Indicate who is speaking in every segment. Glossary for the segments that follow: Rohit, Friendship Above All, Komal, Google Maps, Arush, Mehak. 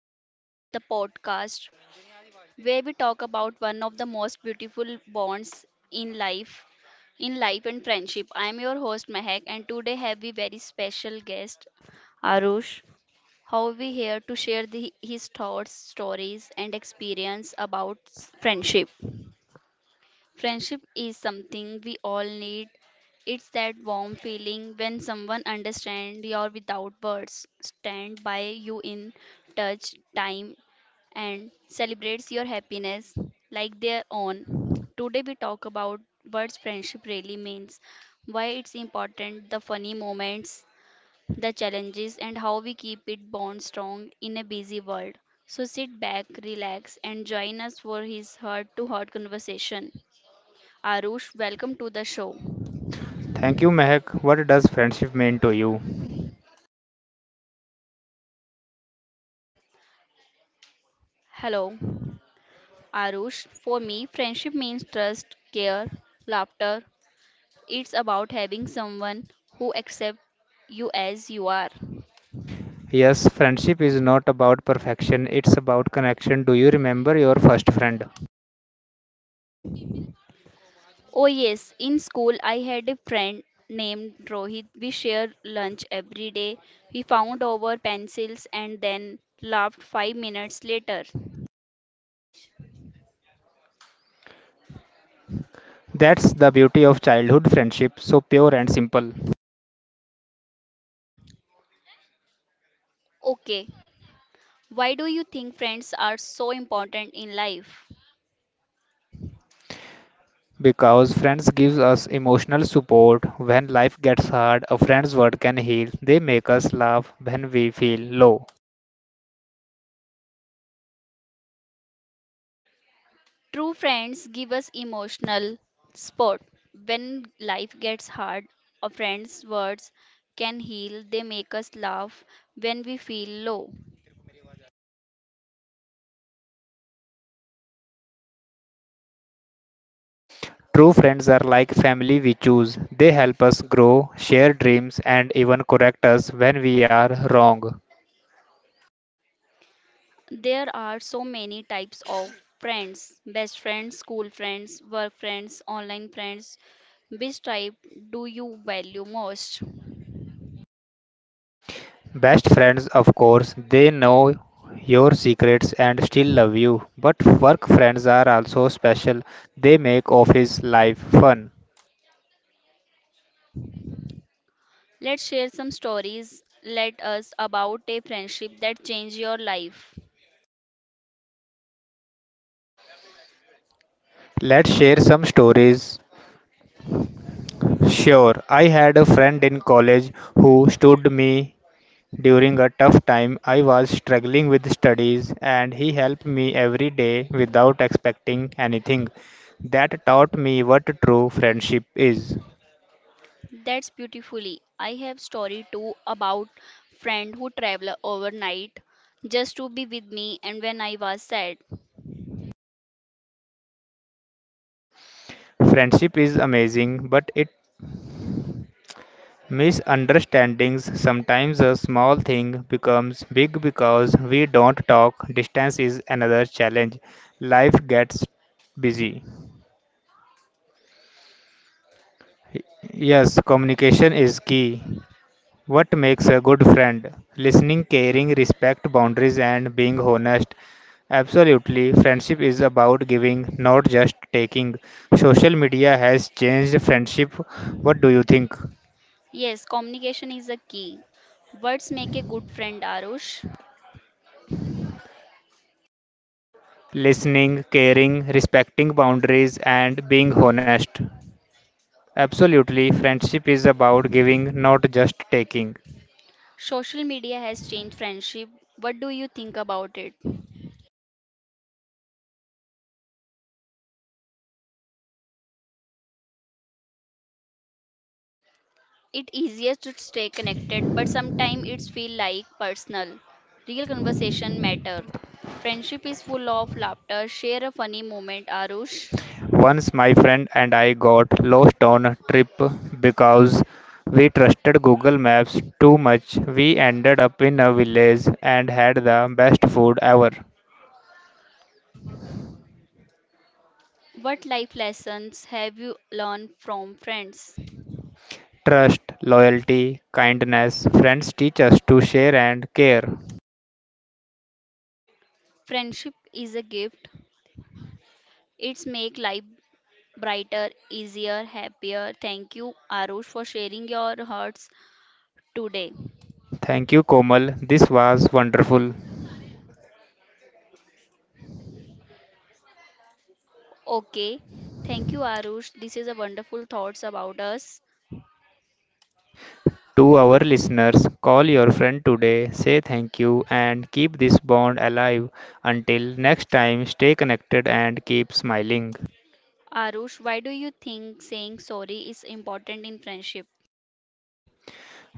Speaker 1: All, the podcast where we talk about one of the most beautiful bonds in life and friendship. I am your host Mehak, and today have a very special guest, Arush. How we here to share his thoughts, stories, and experience about friendship. Friendship is something we all need. It's that warm feeling when someone understands your without words, stand by you in touch, time, and celebrates your happiness like their own. Today we talk about what friendship really means, why it's important, the funny moments, the challenges, and how we keep it bond strong in a busy world. So sit back, relax, and join us for his heart to heart conversation. Arush, welcome to the show.
Speaker 2: Thank you, Mehak. What does friendship mean to you?
Speaker 1: Hello, Arush. For me, friendship means trust, care, laughter. It's about having someone who accepts you as you are.
Speaker 2: Yes, friendship is not about perfection, it's about connection. Do you remember your first friend?
Speaker 1: Oh, yes, in school, I had a friend named Rohit. We shared lunch every day. We found our pencils and then laughed 5 minutes later.
Speaker 2: That's the beauty of childhood friendship, so pure and simple.
Speaker 1: Okay, why do you think friends are so important in life?
Speaker 2: Because friends gives us emotional support when life gets hard, a friend's word can heal. They make us laugh when we feel low.
Speaker 1: True friends give us emotional support. When life gets hard, a friend's words can heal. They make us laugh when we feel low.
Speaker 2: True friends are like family we choose. They help us grow, share dreams, and even correct us when we are wrong.
Speaker 1: There are so many types of friends best friends, school friends, work friends, online friends. Which type do you value most?
Speaker 2: Best friends, of course, they know your secrets and still love you. But work friends are also special. They make office life fun.
Speaker 1: Let's share some stories. Let us about a friendship that changed your life.
Speaker 2: Let's share some stories. Sure, I had a friend in college who stood me during a tough time. I was struggling with studies and he helped me every day without expecting anything. That taught me what true friendship is.
Speaker 1: That's beautifully. I have story too about friend who travel overnight just to be with me and when I was sad.
Speaker 2: Friendship is amazing, but it misunderstandings, sometimes a small thing becomes big because we don't talk. Distance is another challenge. Life gets busy. Yes, communication is key. What makes a good friend? Listening, caring, respect boundaries, and being honest. Absolutely, friendship is about giving, not just taking. Social media has changed friendship. What do you think?
Speaker 1: Yes, communication is a key. Words make a good friend, Arush.
Speaker 2: Listening, caring, respecting boundaries, and being honest. Absolutely, friendship is about giving, not just taking.
Speaker 1: Social media has changed friendship. What do you think about it? It easier to stay connected, but sometimes it's feel like personal. Real conversation matter. Friendship is full of laughter. Share a funny moment, Arush.
Speaker 2: Once my friend and I got lost on a trip because we trusted Google Maps too much. We ended up in a village and had the best food ever.
Speaker 1: What life lessons have you learned from friends?
Speaker 2: Trust, loyalty, kindness, friends teach us to share and care.
Speaker 1: Friendship is a gift. It's make life brighter, easier, happier. Thank you, Arush, for sharing your hearts today.
Speaker 2: Thank you, Komal. This was wonderful.
Speaker 1: Okay. Thank you, Arush. This is a wonderful thoughts about us.
Speaker 2: To our listeners, call your friend today, say thank you, and keep this bond alive. Until next time, stay connected and keep smiling.
Speaker 1: Arush, why do you think saying sorry is important in friendship?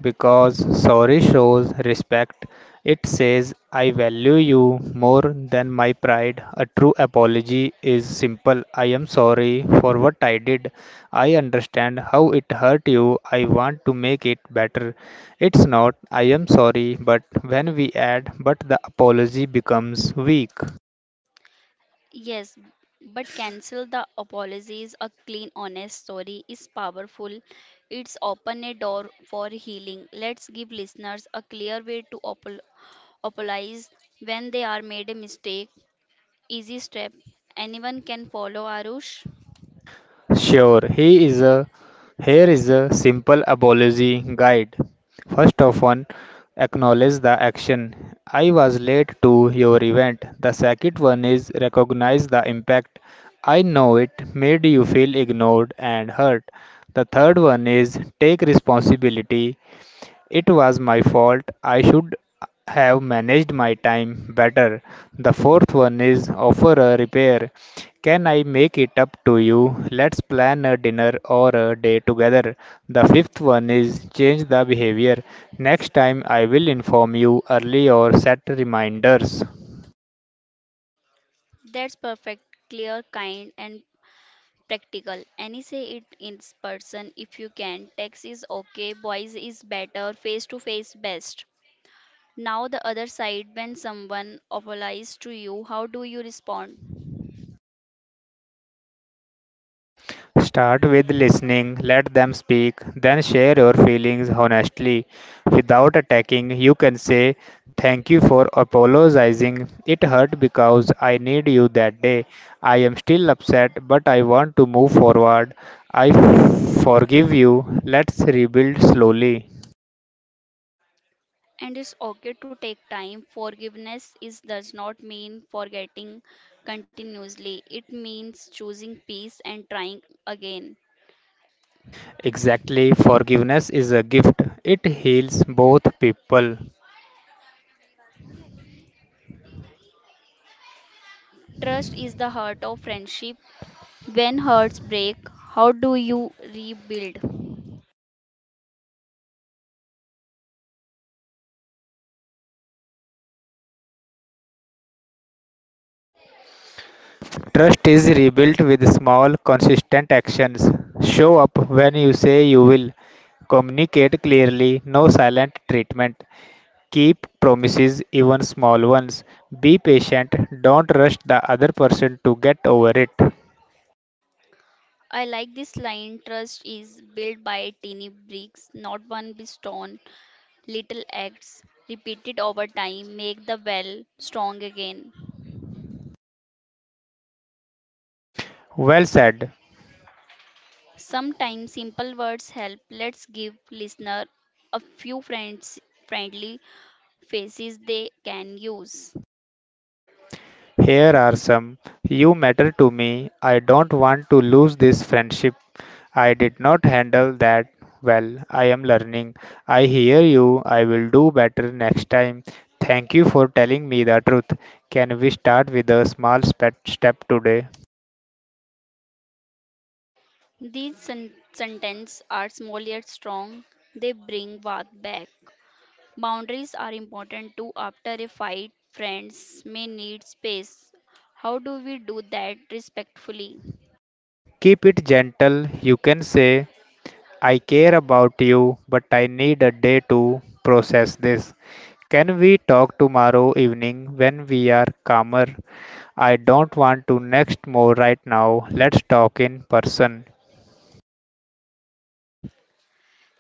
Speaker 2: Because sorry shows respect. It says, I value you more than my pride. A true apology is simple. I am sorry for what I did. I understand how it hurt you. I want to make it better. It's not, I am sorry, but when we add, but the apology becomes weak.
Speaker 1: Yes, but cancel the apologies. A clean, honest story is powerful. It's open a door for healing. Let's give listeners a clear way to apologize when they are made a mistake. Easy step. Anyone can follow Arush.
Speaker 2: Sure, he is a here is a simple apology guide. First of one, acknowledge the action. I was late to your event. The second one is recognize the impact. I know it made you feel ignored and hurt. The third one is take responsibility. It was my fault. I should have managed my time better. The fourth one is offer a repair. Can I make it up to you? Let's plan a dinner or a day together. The fifth one is change the behavior. Next time I will inform you early or set reminders.
Speaker 1: That's perfect, clear, kind, and practical. Any say it in person if you can. Text is okay. Voice is better. Face to face best. Now, the other side, when someone apologizes to you, how do you respond?
Speaker 2: Start with listening, let them speak, then share your feelings honestly. Without attacking, you can say, thank you for apologizing. It hurt because I need you that day. I am still upset, but I want to move forward. I forgive you. Let's rebuild slowly.
Speaker 1: And it's okay to take time. Forgiveness is does not mean forgetting continuously. It means choosing peace and trying again.
Speaker 2: Exactly, forgiveness is a gift, it heals both people.
Speaker 1: Trust is the heart of friendship. When hearts break, how do you rebuild?
Speaker 2: Trust is rebuilt with small, consistent actions. Show up when you say you will. Communicate clearly, no silent treatment. Keep promises, even small ones. Be patient, don't rush the other person to get over it.
Speaker 1: I like this line trust is built by tiny bricks, not one big stone. Little acts repeated over time make the well strong again.
Speaker 2: Well said.
Speaker 1: Sometimes simple words help. Let's give listener a few friends friendly faces they can use.
Speaker 2: Here are some. You matter to me. I don't want to lose this friendship. I did not handle that well. I am learning. I hear you. I will do better next time. Thank you for telling me the truth. Can we start with a small step today?
Speaker 1: These sentences are small yet strong. They bring warmth back. Boundaries are important too. After a fight, friends may need space. How do we do that respectfully?
Speaker 2: Keep it gentle. You can say, I care about you, but I need a day to process this. Can we talk tomorrow evening when we are calmer? I don't want to next more right now. Let's talk in person.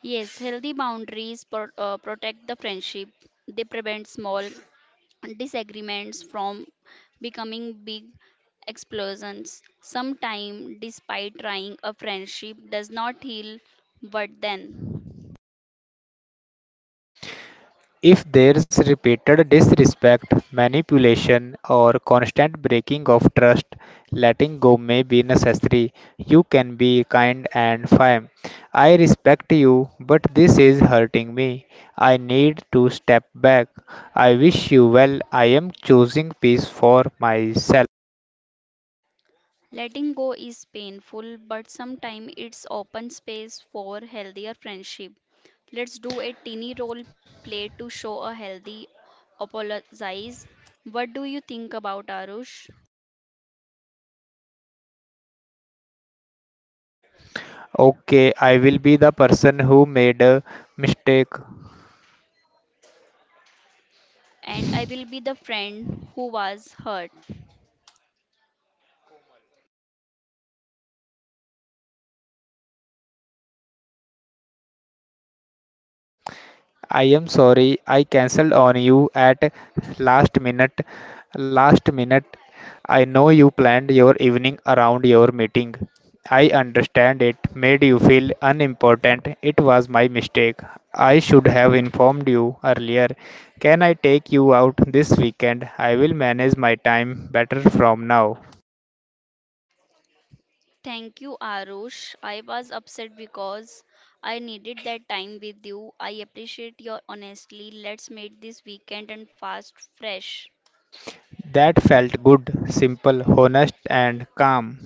Speaker 1: Yes, healthy boundaries protect the friendship. They prevent small disagreements from becoming big explosions. Sometimes, despite trying, a friendship does not heal, but then
Speaker 2: If there's repeated disrespect, manipulation, or constant breaking of trust, letting go may be necessary. You can be kind and firm. I respect you, but this is hurting me. I need to step back. I wish you well. I am choosing peace for myself.
Speaker 1: letting go is painful, but sometimes it's open space for healthier friendship. Let's do a teeny role play to show a healthy apologize. What do you think about Arush?
Speaker 2: Okay, I will be the person who made a mistake.
Speaker 1: And I will be the friend who was hurt.
Speaker 2: I am sorry, I cancelled on you at last minute. Last minute. I know you planned your evening around your meeting. I understand it made you feel unimportant. It was my mistake. I should have informed you earlier. Can I take you out this weekend? I will manage my time better from now.
Speaker 1: Thank you, Arush. I was upset because I needed that time with you. I appreciate your honesty. Let's make this weekend and fast fresh.
Speaker 2: That felt good, simple, honest, and calm.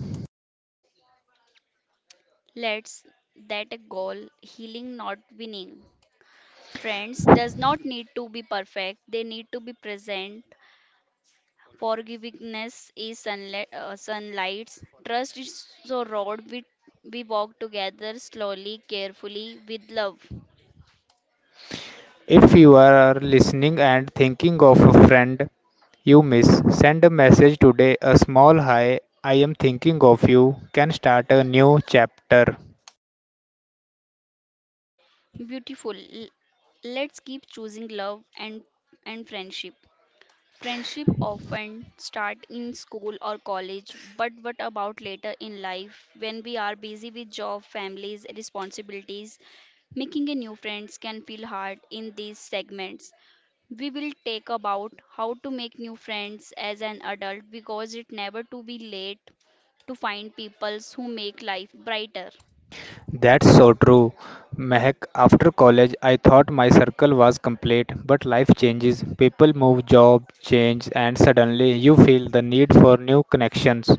Speaker 1: Let's that a goal, healing not winning. Friends does not need to be perfect. They need to be present. Forgiveness is sunlight. Sunlights. Trust is so road we walk together slowly, carefully, with love.
Speaker 2: If you are listening and thinking of a friend you miss, send a message today, a small hi, I am thinking of you, can start a new chapter.
Speaker 1: Beautiful. Let's keep choosing love and friendship. Friendship often start in school or college, but what about later in life when we are busy with job, families, responsibilities? Making a new friends can feel hard in these segments. We will take about how to make new friends as an adult because it never to be late to find people who make life brighter.
Speaker 2: That's so true. Mehak, after college, I thought my circle was complete, but life changes. People move, job change, and suddenly you feel the need for new connections.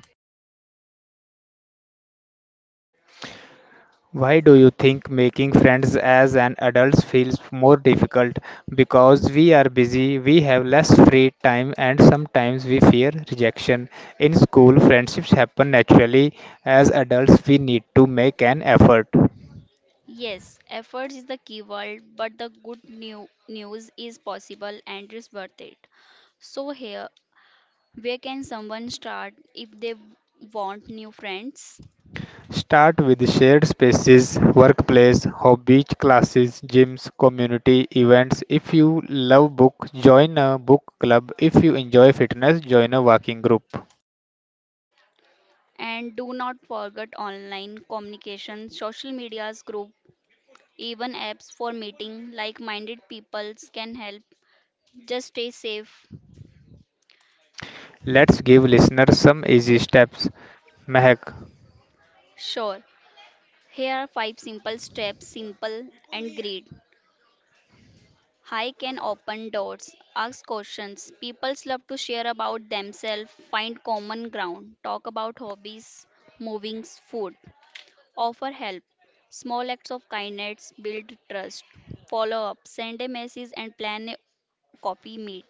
Speaker 2: Why do you think making friends as an adult feels more difficult? Because we are busy, we have less free time, and sometimes we fear rejection. In school, friendships happen naturally. As adults, we need to make an effort.
Speaker 1: Yes, efforts is the key word, but the good new news is possible and is worth it. So here, where can someone start if they want new friends?
Speaker 2: Start with shared spaces, workplace, hobbies, classes, gyms, community events. If you love book, join a book club. If you enjoy fitness, join a walking group.
Speaker 1: And do not forget online communication, social medias group, even apps for meeting like-minded peoples can help. Just stay safe.
Speaker 2: Let's give listeners some easy steps. Mehak,
Speaker 1: Sure. Here are five simple steps, simple and great. I can open doors, ask questions. People love to share about themselves, find common ground, talk about hobbies, movings, food, offer help. Small acts of kindness build trust. Follow up, send a message, and plan a coffee meet.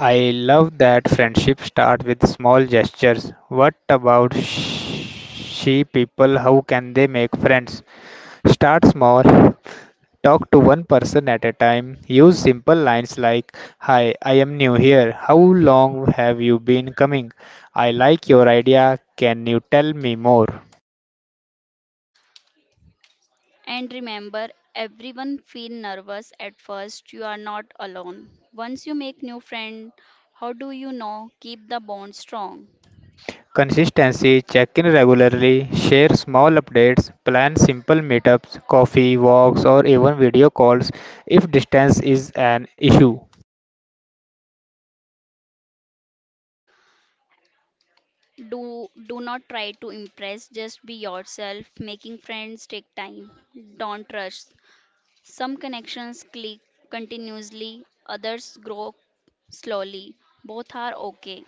Speaker 2: I love that friendship start with small gestures. What about she people? How can they make friends? Start small. Talk to one person at a time. Use simple lines like hi, I am new here. How long have you been coming? I like your idea. Can you tell me more?
Speaker 1: And remember, everyone feel nervous at first. You are not alone. Once you make new friend, how do you know keep the bond strong?
Speaker 2: Consistency. Check in regularly, share small updates, plan simple meetups, coffee, walks, or even video calls if distance is an issue.
Speaker 1: Do not try to impress, just be yourself. Making friends take time. Don't rush. Some connections click continuously, others grow slowly. Both are okay.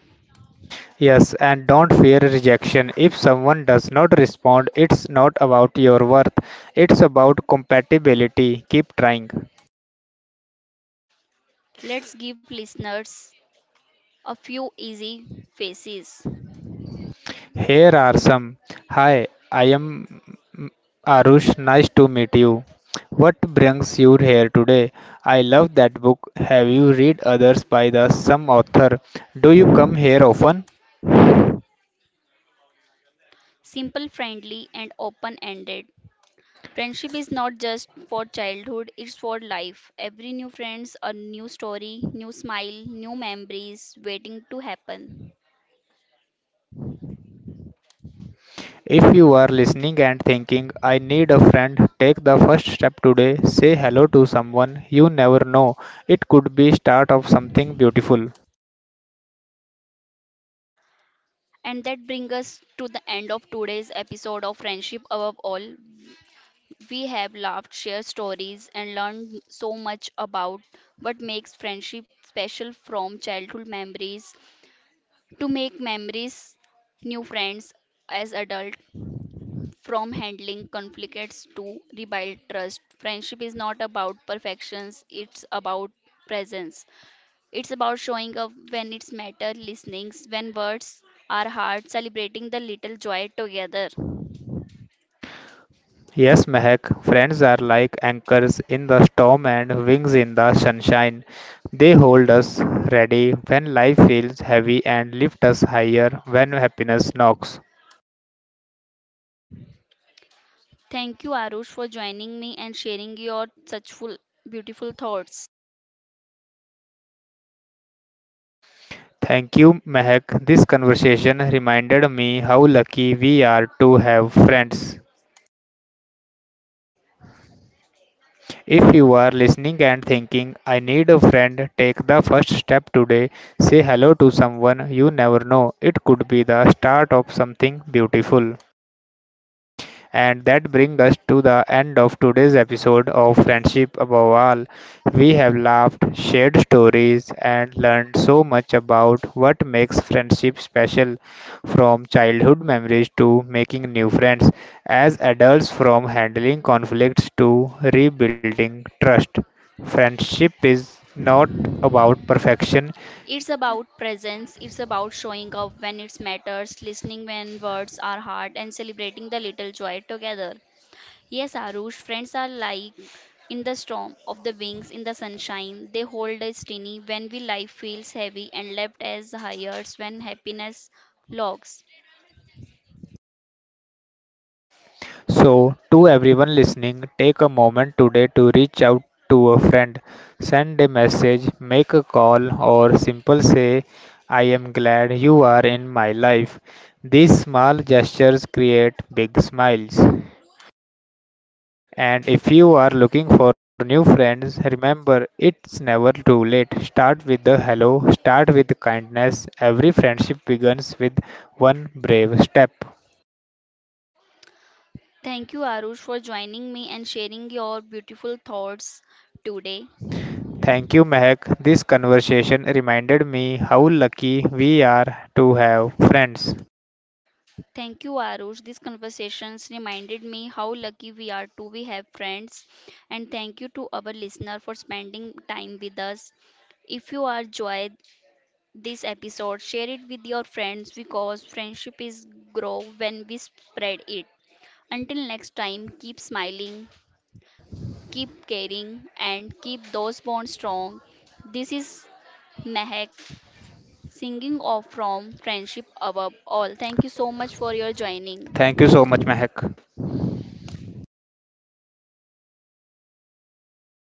Speaker 2: Yes, and don't fear rejection. If someone does not respond, it's not about your worth, it's about compatibility. Keep trying.
Speaker 1: Let's give listeners a few easy faces.
Speaker 2: Here are some. Hi, I am mm, Arush. Nice to meet you. What brings you here today? I love that book. Have you read others by the some author? Do you come here often?
Speaker 1: Simple, friendly, and open ended. Friendship is not just for childhood, it's for life. Every new friends, a new story, new smile, new memories waiting to happen.
Speaker 2: If you are listening and thinking, I need a friend, take the first step today. Say hello to someone. You never know. It could be start of something beautiful.
Speaker 1: And that brings us to the end of today's episode of Friendship Above All. We have laughed, shared stories, and learned so much about what makes friendship special from childhood memories to make memories, new friends as adult, from handling conflicts to rebuild trust. Friendship is not about perfections, it's about presence. It's about showing up when it's matter, listening when words are hard, celebrating the little joy together.
Speaker 2: Yes, Mehak, friends are like anchors in the storm and wings in the sunshine. They hold us ready when life feels heavy and lift us higher when happiness knocks.
Speaker 1: Thank you, Arush, for joining me and sharing your such full, beautiful thoughts.
Speaker 2: Thank you, Mehak. This conversation reminded me how lucky we are to have friends. If you are listening and thinking, I need a friend, take the first step today. Say hello to someone you never know. It could be the start of something beautiful. And that brings us to the end of today's episode of Friendship Above All. We have laughed, shared stories, and learned so much about what makes friendship special, from childhood memories to making new friends, as adults, from handling conflicts to rebuilding trust. Friendship is not about perfection.
Speaker 1: It's about presence, it's about showing up when it matters, listening when words are hard, and celebrating the little joy together. Yes, Arush, friends are like in the storm of the wings in the sunshine they hold us tiny when we life feels heavy and left as hires when happiness logs
Speaker 2: So, to everyone listening, take a moment today to reach out to a friend, send a message, make a call, or simple say, I am glad you are in my life. These small gestures create big smiles. And if you are looking for new friends, remember it's never too late. Start with the hello, start with kindness. Every friendship begins with one brave step.
Speaker 1: Thank you, Arush, for joining me and sharing your beautiful thoughts today.
Speaker 2: Thank you, Mehak. This conversation reminded me how lucky we are to have friends.
Speaker 1: Thank you, Arush. These conversations reminded me how lucky we are to we have friends. And thank you to our listener for spending time with us. If you are enjoyed this episode, share it with your friends because friendship is grow when we spread it. Until next time, keep smiling, keep caring, and keep those bonds strong. This is Mehak singing off from friendship above all. Thank you so much for your joining.
Speaker 2: Thank you so much, Mehak.